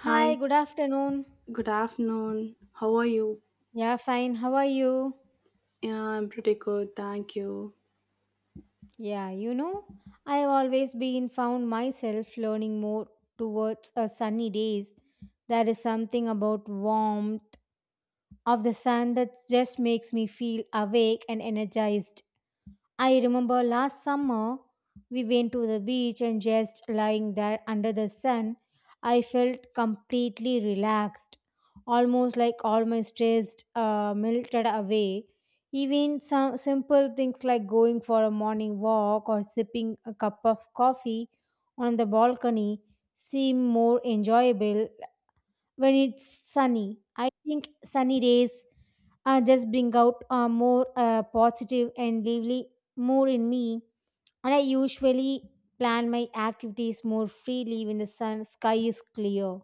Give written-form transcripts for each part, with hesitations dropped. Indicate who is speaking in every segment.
Speaker 1: Hi,
Speaker 2: Hi,
Speaker 1: good afternoon.
Speaker 2: good afternoon. How are you?
Speaker 1: Yeah, fine. How are you?
Speaker 2: Yeah, I'm pretty good, thank you.
Speaker 1: Yeah, I have always been found myself learning more towards a sunny days. There is something about warmth of the sun that just makes me feel awake and energized. I remember last summer we went to the beach and just lying there under the sun, I felt completely relaxed, almost like all my stress melted away. Even some simple things like going for a morning walk or sipping a cup of coffee on the balcony seem more enjoyable when it's sunny. I think sunny days just bring out a more positive and lively mood in me. And I usually plan my activities more freely when the sun sky is clear.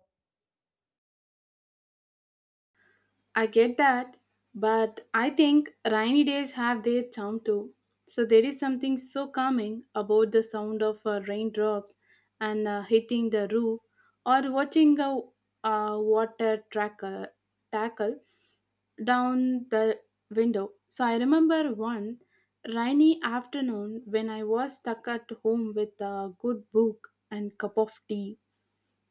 Speaker 2: I get that, but I think rainy days have their charm too. So there is something so calming about the sound of raindrops and hitting the roof or watching a water tracker tackle down the window. So I remember one rainy afternoon when I was stuck at home with a good book and cup of tea.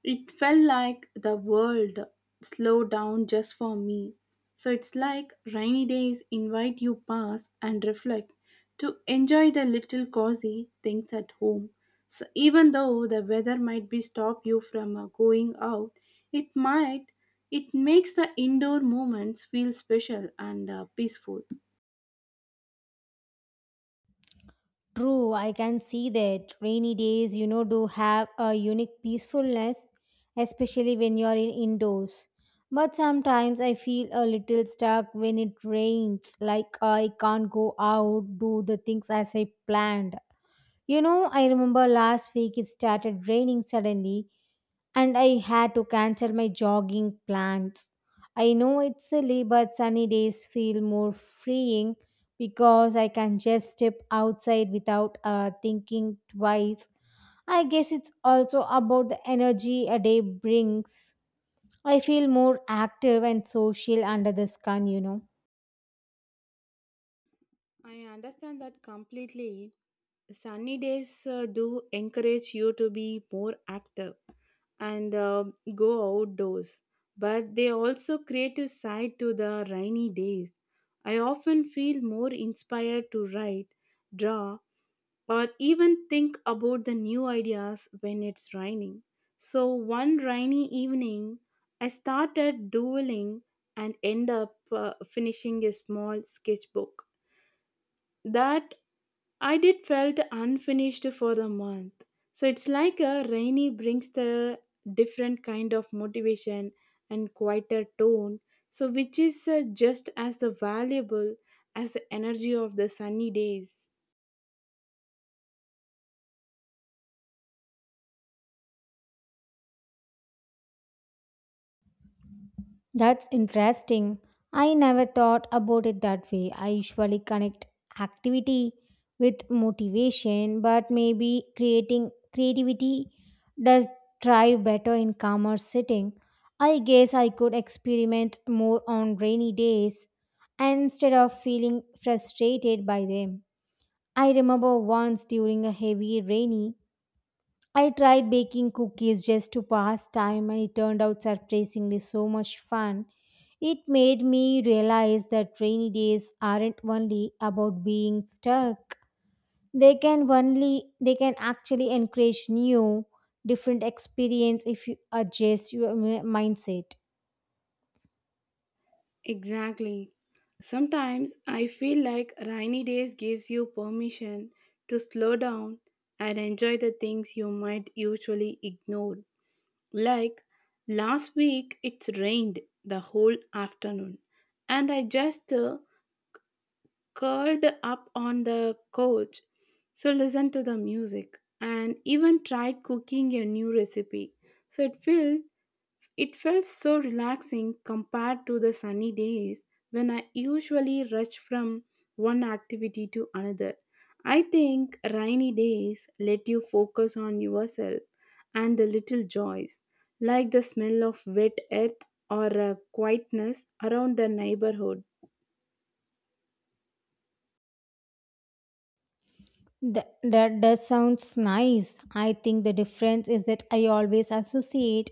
Speaker 2: It felt like the world slowed down just for me. So it's like rainy days invite you pass and reflect to enjoy the little cozy things at home. So even though the weather might be stop you from going out, it might it makes the indoor moments feel special and peaceful.
Speaker 1: True, I can see that rainy days, do have a unique peacefulness, especially when you're in indoors. But sometimes I feel a little stuck when it rains, like I can't go out, do the things as I planned. You know, I remember last week it started raining suddenly and I had to cancel my jogging plans. I know it's silly, but sunny days feel more freeing because I can just step outside without thinking twice. I guess it's also about the energy a day brings. I feel more active and social under the sun.
Speaker 2: I understand that completely. Sunny days do encourage you to be more active and go outdoors, but they also create a side to the rainy days. I often feel more inspired to write, draw, or even think about the new ideas when it's raining. So one rainy evening, I started doodling and end up finishing a small sketchbook that I did felt unfinished for the month. So it's like a rainy brings the different kind of motivation and quieter tone. So which is just as the valuable as the energy of the sunny days.
Speaker 1: That's interesting. I never thought about it that way. I usually connect activity with motivation, but maybe creating creativity does thrive better in calmer setting. I guess I could experiment more on rainy days instead of feeling frustrated by them. I remember once during a heavy rainy I tried baking cookies just to pass time and it turned out surprisingly so much fun. It made me realize that rainy days aren't only about being stuck. They can actually encourage new different experience if you adjust your mindset.
Speaker 2: Exactly. Sometimes I feel like rainy days gives you permission to slow down and enjoy the things you might usually ignore. Like last week, it's rained the whole afternoon, and I just curled up on the couch. So, listen to the music and even tried cooking a new recipe. So, it felt so relaxing compared to the sunny days when I usually rush from one activity to another. I think rainy days let you focus on yourself and the little joys, like the smell of wet earth or a quietness around the neighborhood.
Speaker 1: That does sounds nice. I think the difference is that I always associate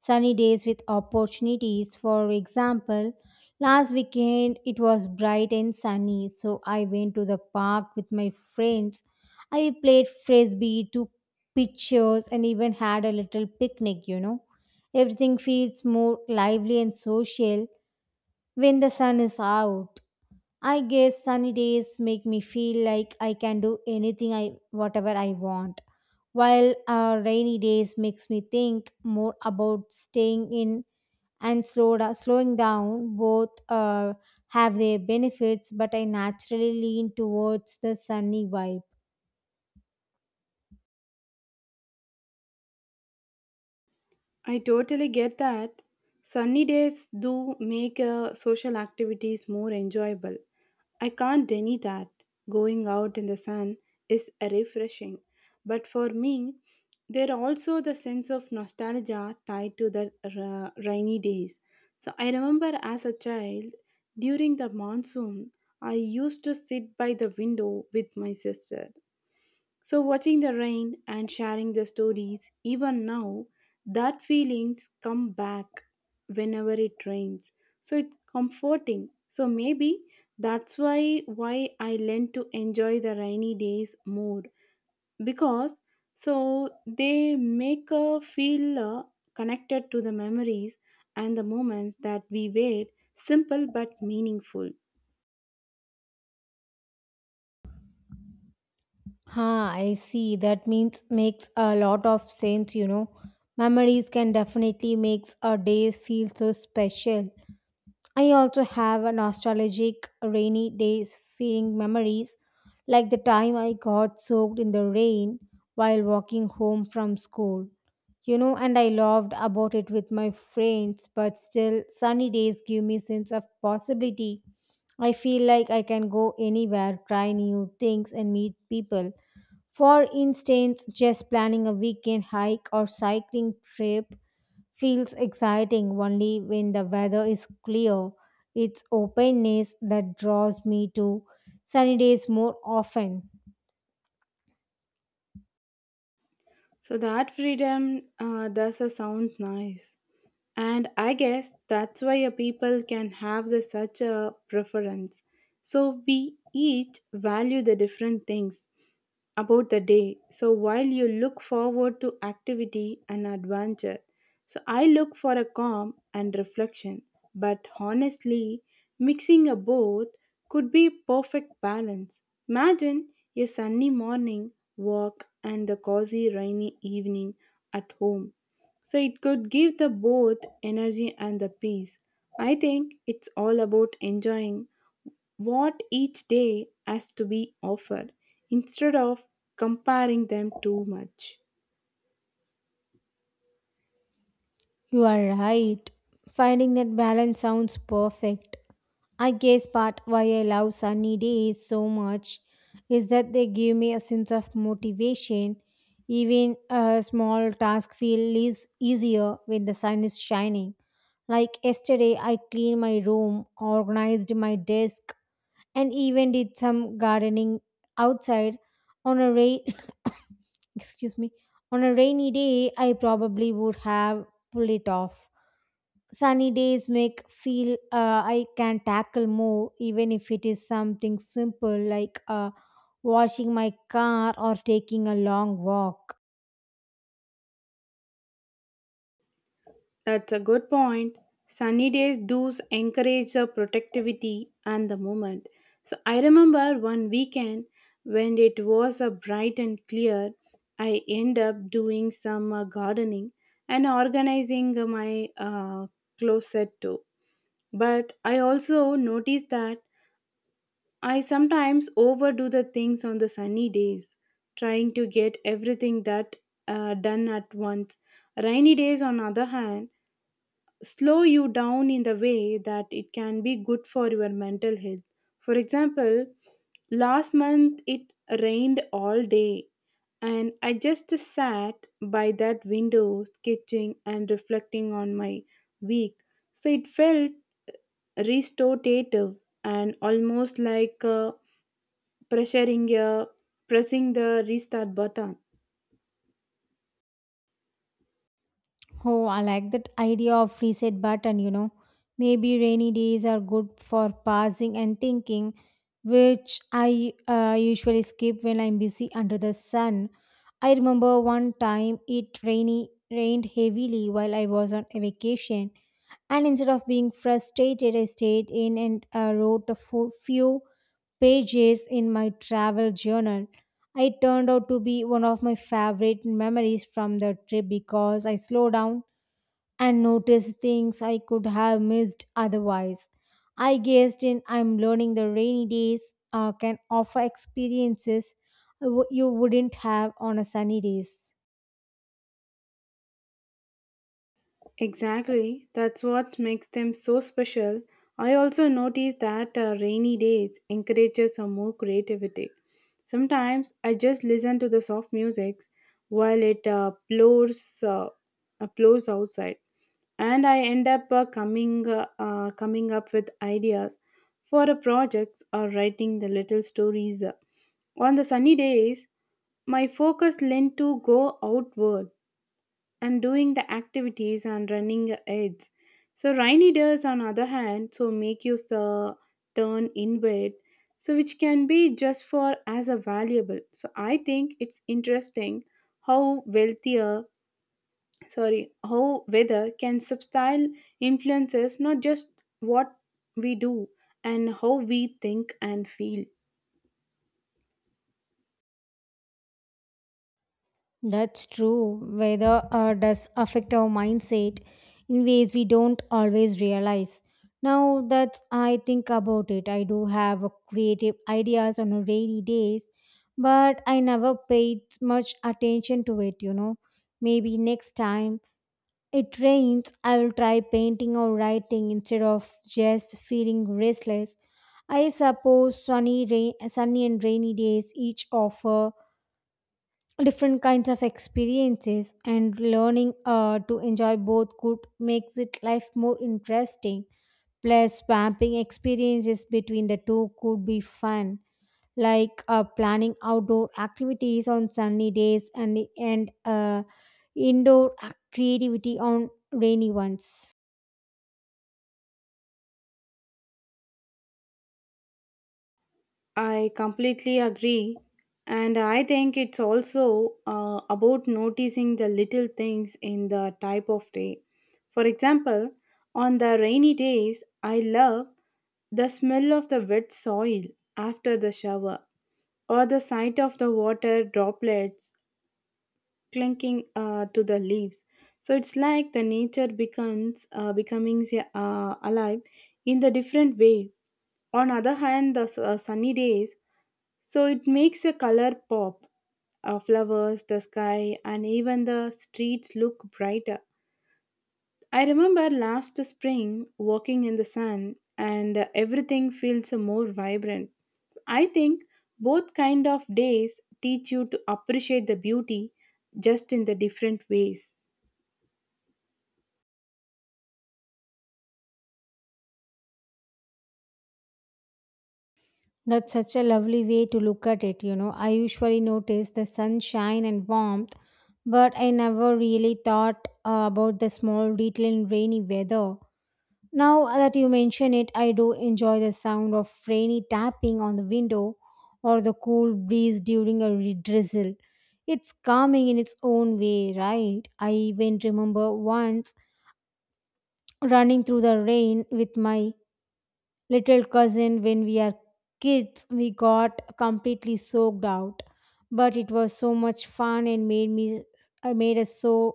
Speaker 1: sunny days with opportunities. For example, last weekend it was bright and sunny, so I went to the park with my friends. I played frisbee, took pictures, and even had a little picnic. Everything feels more lively and social when the sun is out. I guess sunny days make me feel like I can do anything I whatever I want. While rainy days makes me think more about staying in and slowing down. Both have their benefits, but I naturally lean towards the sunny vibe.
Speaker 2: I totally get that. Sunny days do make social activities more enjoyable. I can't deny that going out in the sun is refreshing, but for me, there also the sense of nostalgia tied to the rainy days. So I remember as a child during the monsoon, I used to sit by the window with my sister so, watching the rain and sharing the stories, even now, that feelings come back whenever it rains. So, it's comforting. So, maybe that's why I learn to enjoy the rainy days more because so they make a feel connected to the memories and the moments that we were simple but meaningful.
Speaker 1: Ha, I see. That means makes a lot of sense, Memories can definitely makes our days feel so special. I also have a nostalgic rainy days feeling memories, like the time I got soaked in the rain while walking home from school. You know, and I loved about it with my friends, but still sunny days give me sense of possibility. I feel like I can go anywhere, try new things and meet people. For instance, just planning a weekend hike or cycling trip feels exciting only when the weather is clear. It's openness that draws me to sunny days more often.
Speaker 2: So that freedom does sound nice. And I guess that's why a people can have the, such a preference so we each value the different things about the day. So while you look forward to activity and adventure, so I look for a calm and reflection. But honestly, mixing a both could be perfect balance. Imagine a sunny morning walk and a cozy rainy evening at home. So it could give the both energy and the peace. I think it's all about enjoying what each day has to be offered instead of comparing them too much.
Speaker 1: You are right. Finding that balance sounds perfect. I guess part why I love sunny days so much is that they give me a sense of motivation. Even a small task feels easier when the sun is shining. Like yesterday, I cleaned my room, organized my desk, and even did some gardening outside on a rain excuse me on a rainy day I probably would have pulled it off. Sunny days make feel I can tackle more even if it is something simple like washing my car or taking a long walk.
Speaker 2: That's a good point. Sunny days do encourage the productivity and the moment. So I remember one weekend when it was a bright and clear, I end up doing some gardening and organizing my closet too. But I also noticed that I sometimes overdo the things on the sunny days, trying to get everything that done at once. Rainy days, on other hand, slow you down in the way that it can be good for your mental health. For example, last month it rained all day, and I just sat by that window sketching and reflecting on my week. So it felt restorative and almost like a pressuring pressing the restart button.
Speaker 1: Oh, I like that idea of reset button, Maybe rainy days are good for pausing and thinking, which I usually skip when I'm busy under the sun. I remember one time it rainy rained heavily while I was on a vacation, and instead of being frustrated, I stayed in and wrote a few pages in my travel journal. It turned out to be one of my favorite memories from the trip because I slowed down and noticed things I could have missed otherwise. I guessed in I'm learning the rainy days can offer experiences you wouldn't have on a sunny days.
Speaker 2: Exactly, that's what makes them so special. I also notice that rainy days encourages some more creativity. Sometimes I just listen to the soft music while it blows outside, and I end up coming up with ideas for a projects or writing the little stories. On the sunny days, my focus lent to go outward and doing the activities and running ads. So rainy days on other hand so make you turn inward so which can be just for as a valuable. So I think it's interesting how wealthier sorry how weather can subtle influences not just what we do and how we think and feel.
Speaker 1: That's true. Weather does affect our mindset in ways we don't always realize. Now that I think about it, I do have a creative ideas on a rainy days, but I never paid much attention to it, Maybe next time it rains, I will try painting or writing instead of just feeling restless. I suppose sunny, rain, sunny and rainy days each offer different kinds of experiences, and learning to enjoy both could makes it life more interesting. Plus, swapping experiences between the two could be fun like planning outdoor activities on sunny days and creativity on rainy ones.
Speaker 2: I completely agree. And I think it's also about noticing the little things in the type of day. For example, on the rainy days, I love the smell of the wet soil after the shower or the sight of the water droplets clinking to the leaves. So it's like the nature becomes becoming alive in the different way. On other hand, the sunny days, so it makes a color pop. Flowers, the sky, and even the streets look brighter. I remember last spring walking in the sun, and everything feels more vibrant. I think both kind of days teach you to appreciate the beauty just in the different ways.
Speaker 1: That's such a lovely way to look at it, I usually notice the sunshine and warmth, but I never really thought about the small detail in rainy weather. Now that you mention it, I do enjoy the sound of rainy tapping on the window or the cool breeze during a drizzle. It's calming in its own way, right? I even remember once running through the rain with my little cousin when we are kids. We got completely soaked out, but it was so much fun and made me I made us so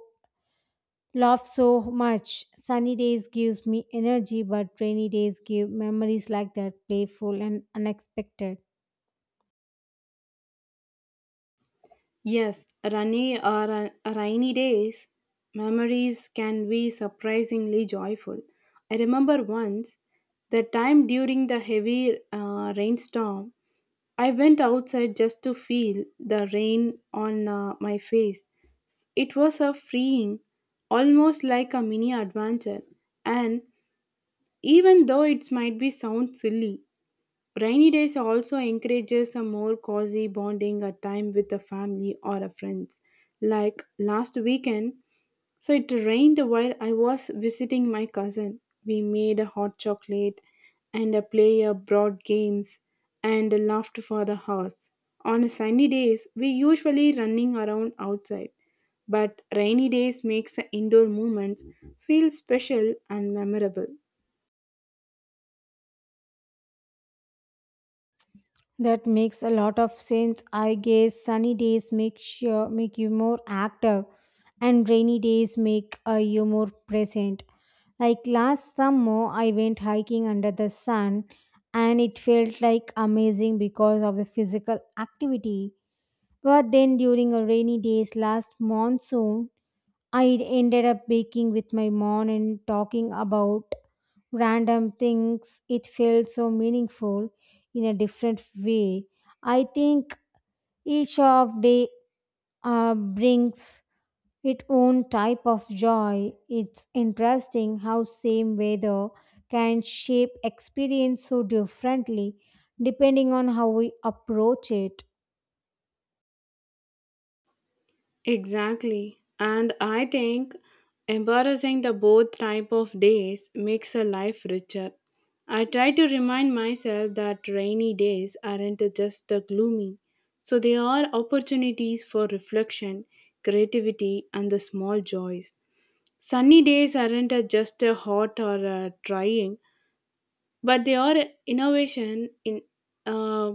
Speaker 1: laugh so much. Sunny days gives me energy, but rainy days give memories like that, playful and unexpected.
Speaker 2: Yes, rainy or rainy days, memories can be surprisingly joyful. I remember once the time during the heavy rainstorm, I went outside just to feel the rain on my face. It was a freeing, almost like a mini adventure, and even though it might be sound silly, rainy days also encourages a more cozy bonding at time with a family or a friends. Like last weekend, so it rained while I was visiting my cousin. We made a hot chocolate and a play a broad games and laughed for the hours. On sunny days, we usually running around outside, but rainy days makes the indoor moments feel special and memorable.
Speaker 1: That makes a lot of sense. I guess sunny days make you more active, and rainy days make you more present. Like last summer, I went hiking under the sun, and it felt like amazing because of the physical activity. But then during a rainy days last monsoon, I ended up baking with my mom and talking about random things. It felt so meaningful in a different way. I think each of day brings its own type of joy. It's interesting how same weather can shape experience so differently depending on how we approach it.
Speaker 2: Exactly. And I think embarrassing the both type of days makes a life richer. I try to remind myself that rainy days aren't just the gloomy. So they are opportunities for reflection, creativity and the small joys. Sunny days aren't just a hot or a drying, but they are innovation in uh,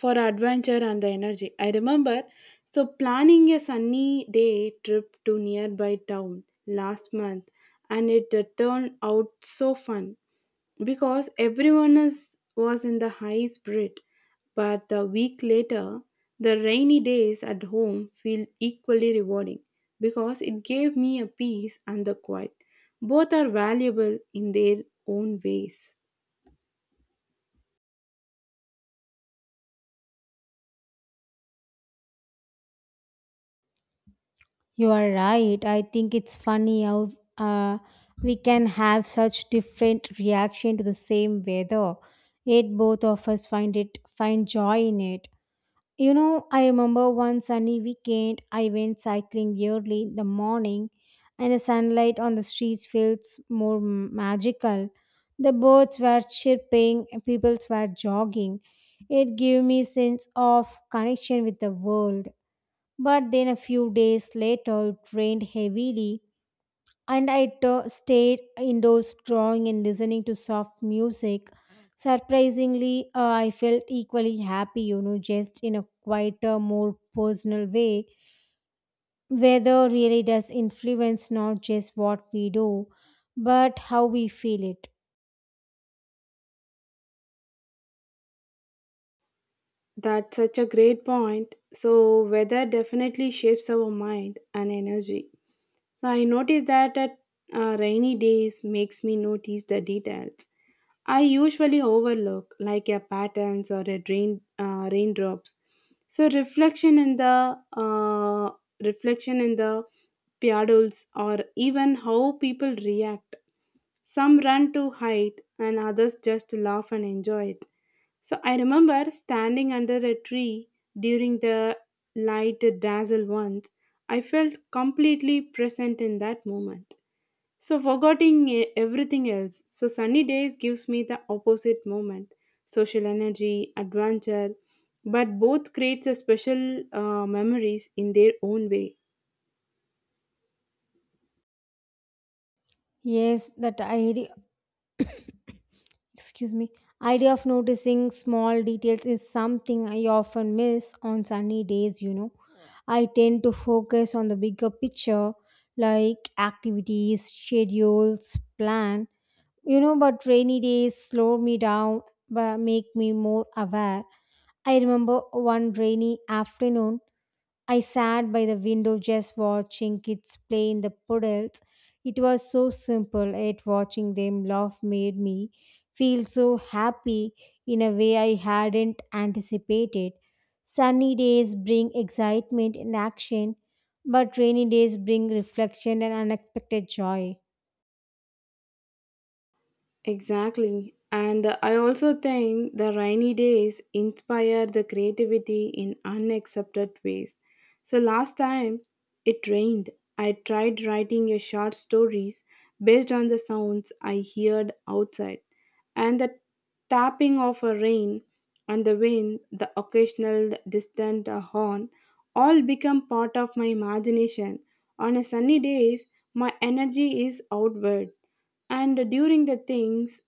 Speaker 2: for adventure and the energy. I remember so planning a sunny day trip to nearby town last month and it turned out so fun because everyone is, was in the high spirit but the week later the rainy days at home feel equally rewarding because it gave me a peace and the quiet, both are valuable in their own ways.
Speaker 1: You are right. I think it's funny how uh, we can have such different reaction to the same weather. Yet both of us find joy in it. You know, I remember one sunny weekend I went cycling early in the morning, and the sunlight on the streets felt more magical. The birds were chirping, and people were jogging. It gave me a sense of connection with the world. But then a few days later, it rained heavily, and stayed indoors drawing and listening to soft music. Surprisingly, I felt equally happy, just in a quieter, more personal way. Weather really does influence not just what we do, but how we feel it.
Speaker 2: That's such a great point. So, weather definitely shapes our mind and energy. So, I notice that at rainy days makes me notice the details I usually overlook, like a patterns or a raindrops. So, reflection in the puddles or even how people react. Some run to hide, and others just laugh and enjoy it. So I remember standing under a tree during the light dazzle once. I felt completely present in that moment. So forgetting everything else. So sunny days gives me the opposite moment. Social energy, adventure, but both creates a special memories in their own way.
Speaker 1: Yes, that idea. excuse me idea of noticing small details is something I often miss on sunny days. I tend to focus on the bigger picture like activities, schedules, plan. You know, but rainy days slow me down, but make me more aware. I remember one rainy afternoon I sat by the window just watching kids play in the puddles. It was so simple, yet watching them laugh made me feel so happy in a way I hadn't anticipated. Sunny days bring excitement and action, but rainy days bring reflection and unexpected joy.
Speaker 2: Exactly. And I also think the rainy days inspire the creativity in unaccepted ways. So last time it rained, I tried writing a short stories based on the sounds I heard outside and the tapping of a rain and the wind, the occasional distant horn all become part of my imagination. On a sunny days, my energy is outward and during the things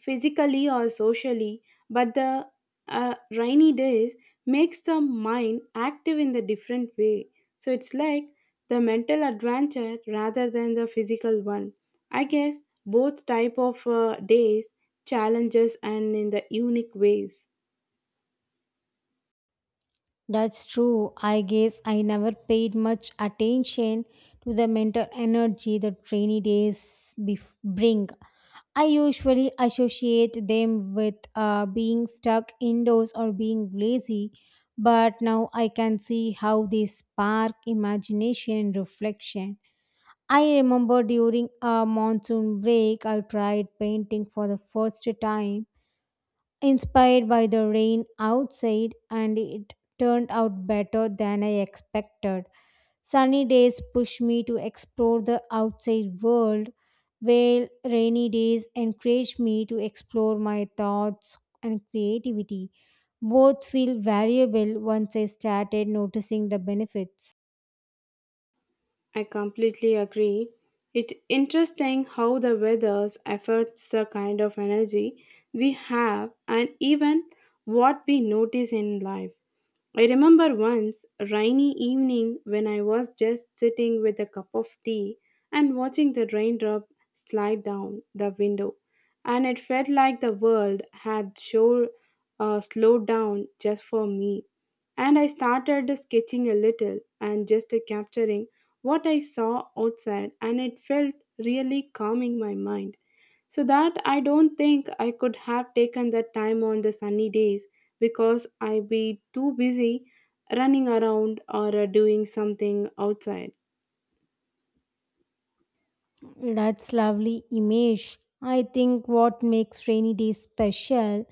Speaker 2: physically or socially but the rainy days makes the mind active in the different way. So it's like the mental adventure rather than the physical one. I guess both type of days challenges and in the unique ways.
Speaker 1: That's true. I guess I never paid much attention to the mental energy that rainy days bring. I usually associate them with being stuck indoors or being lazy, but now I can see how they spark imagination and reflection. I remember during a monsoon break, I tried painting for the first time, inspired by the rain outside, and it turned out better than I expected. Sunny days push me to explore the outside world, while rainy days encourage me to explore my thoughts and creativity. Both feel valuable once I started noticing the benefits.
Speaker 2: I completely agree. It's interesting how the weather's affects the kind of energy we have and even what we notice in life. I remember once a rainy evening when I was just sitting with a cup of tea and watching the raindrop slide down the window, and it felt like the world had sure slowed down just for me. And I started sketching a little and just capturing what I saw outside, and it felt really calming my mind. So that I don't think I could have taken that time on the sunny days because I'd be too busy running around or doing something outside.
Speaker 1: That's lovely image. I think what makes rainy days special,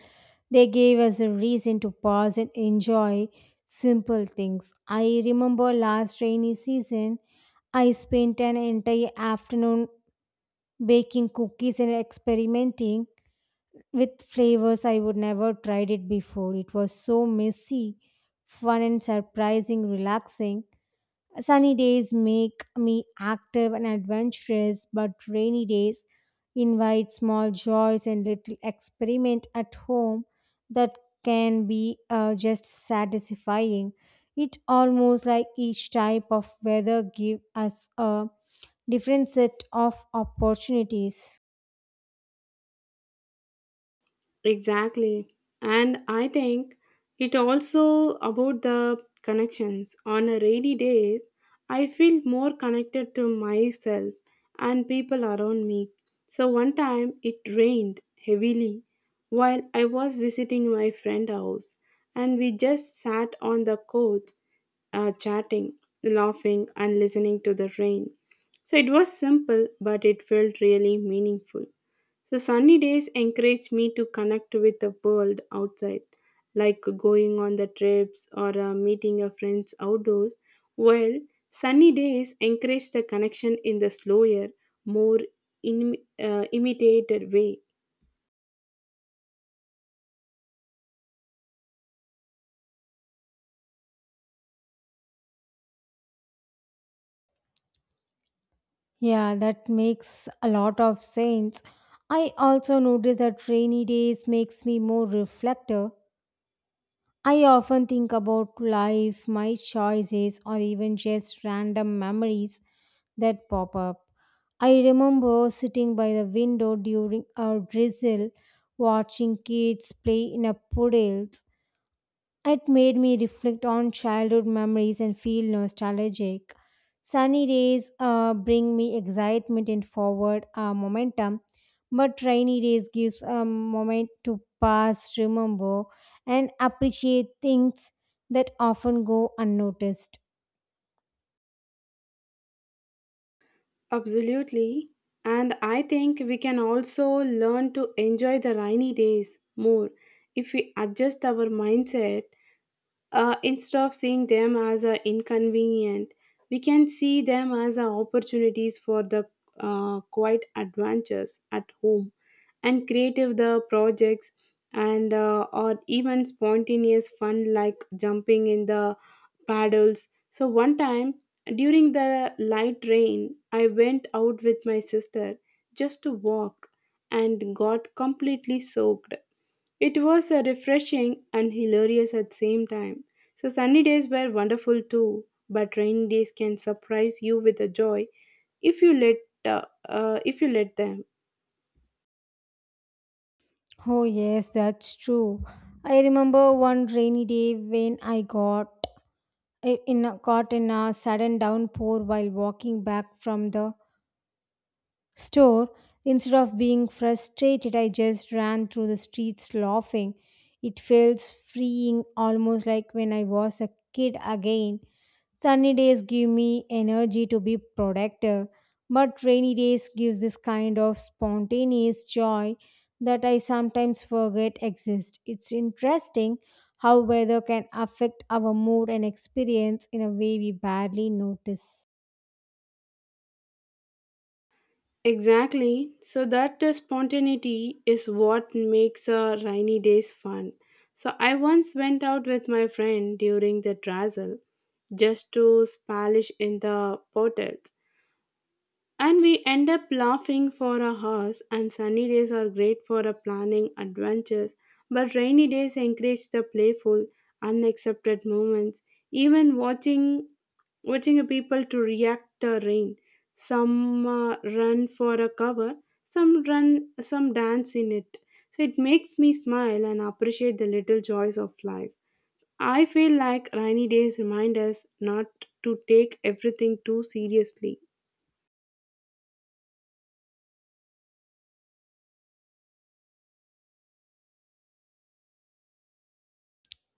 Speaker 1: they gave us a reason to pause and enjoy simple things. I remember last rainy season, I spent an entire afternoon baking cookies and experimenting with flavors I would never tried it before. It was so messy, fun and surprising relaxing. Sunny days make me active and adventurous, but rainy days invite small joys and little experiment at home that can be just satisfying. It almost like each type of weather give us a different set of opportunities.
Speaker 2: Exactly. And I think it also about the connections. On a rainy day, I feel more connected to myself and people around me. So one time it rained heavily while I was visiting my friend's house and we just sat on the couch chatting, laughing and listening to the rain. So it was simple but it felt really meaningful. The sunny days encourage me to connect with the world outside, like going on the trips or meeting your friends outdoors. Well, sunny days encourage the connection in the slower, more in, imitated way.
Speaker 1: Yeah, that makes a lot of sense. I also notice that rainy days makes me more reflective. I often think about life, my choices, or even just random memories that pop up. I remember sitting by the window during a drizzle, watching kids play in a puddles. It made me reflect on childhood memories and feel nostalgic. Sunny days bring me excitement and forward momentum, but rainy days gives a moment to pass, remember, and appreciate things that often go unnoticed.
Speaker 2: Absolutely. And I think we can also learn to enjoy the rainy days more if we adjust our mindset. Instead of seeing them as inconvenient, we can see them as opportunities for the quiet adventures at home and creative the projects and or even spontaneous fun like jumping in the paddles. So one time during the light rain, I went out with my sister just to walk and got completely soaked. It was a refreshing and hilarious at the same time. So sunny days were wonderful too, but rainy days can surprise you with a joy if you let if you let them.
Speaker 1: Oh yes, that's true. I remember one rainy day when I got I- in a, got in a sudden downpour while walking back from the store. Instead of being frustrated, I just ran through the streets laughing. It feels freeing, almost like when I was a kid again. Sunny days give me energy to be productive, but rainy days gives this kind of spontaneous joy that I sometimes forget exists. It's interesting how weather can affect our mood and experience in a way we barely notice.
Speaker 2: Exactly. So that spontaneity is what makes rainy days fun. So I once went out with my friend during the drizzle just to splash in the puddles. And we end up laughing for a hours, and sunny days are great for a planning adventures, but rainy days encourage the playful, unaccepted moments. Even watching a people to react to rain, some run for a cover, some run, some dance in it. So it makes me smile and appreciate the little joys of life. I feel like rainy days remind us not to take everything too seriously.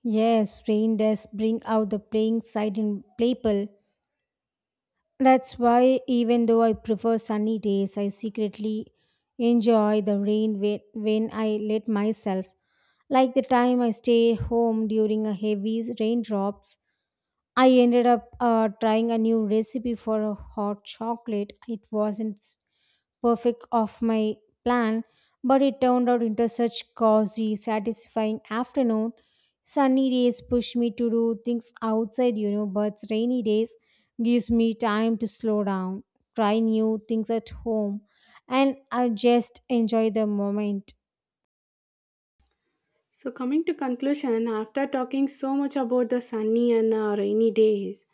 Speaker 1: Yes, rain does bring out the playing side in playful. That's why even though I prefer sunny days, I secretly enjoy the rain when I let myself. Like the time I stayed home during a heavy raindrops, I ended up trying a new recipe for a hot chocolate. It wasn't perfect of my plan, but it turned out into such cozy, satisfying afternoon. Sunny days push me to do things outside, but rainy days gives me time to slow down, try new things at home, and I just enjoy the moment.
Speaker 2: So, coming to conclusion, after talking so much about the sunny and rainy days,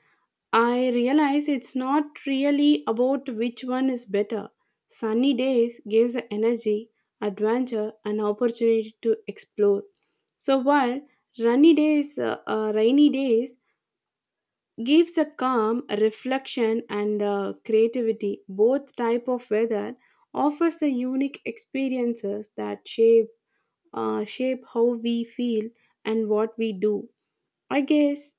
Speaker 2: I realize it's not really about which one is better. Sunny days gives energy, adventure, and opportunity to explore. So, while rainy days gives a calm, reflection, and creativity. Both type of weather offers the unique experiences that shape shape how we feel and what we do. I guess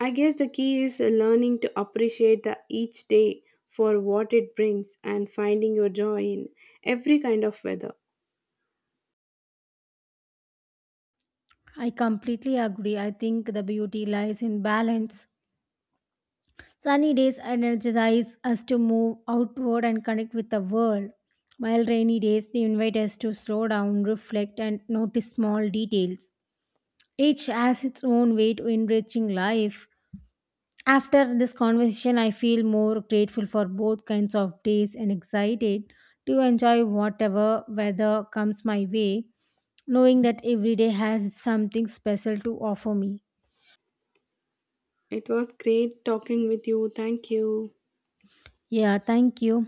Speaker 2: I guess the key is learning to appreciate the, each day for what it brings and finding your joy in every kind of weather.
Speaker 1: I completely agree. I think the beauty lies in balance. Sunny days energize us to move outward and connect with the world, while rainy days they invite us to slow down, reflect, and notice small details. Each has its own way to enriching life. After this conversation, I feel more grateful for both kinds of days and excited to enjoy whatever weather comes my way, knowing that every day has something special to offer me.
Speaker 2: It was great talking with you. Thank you.
Speaker 1: Yeah, thank you.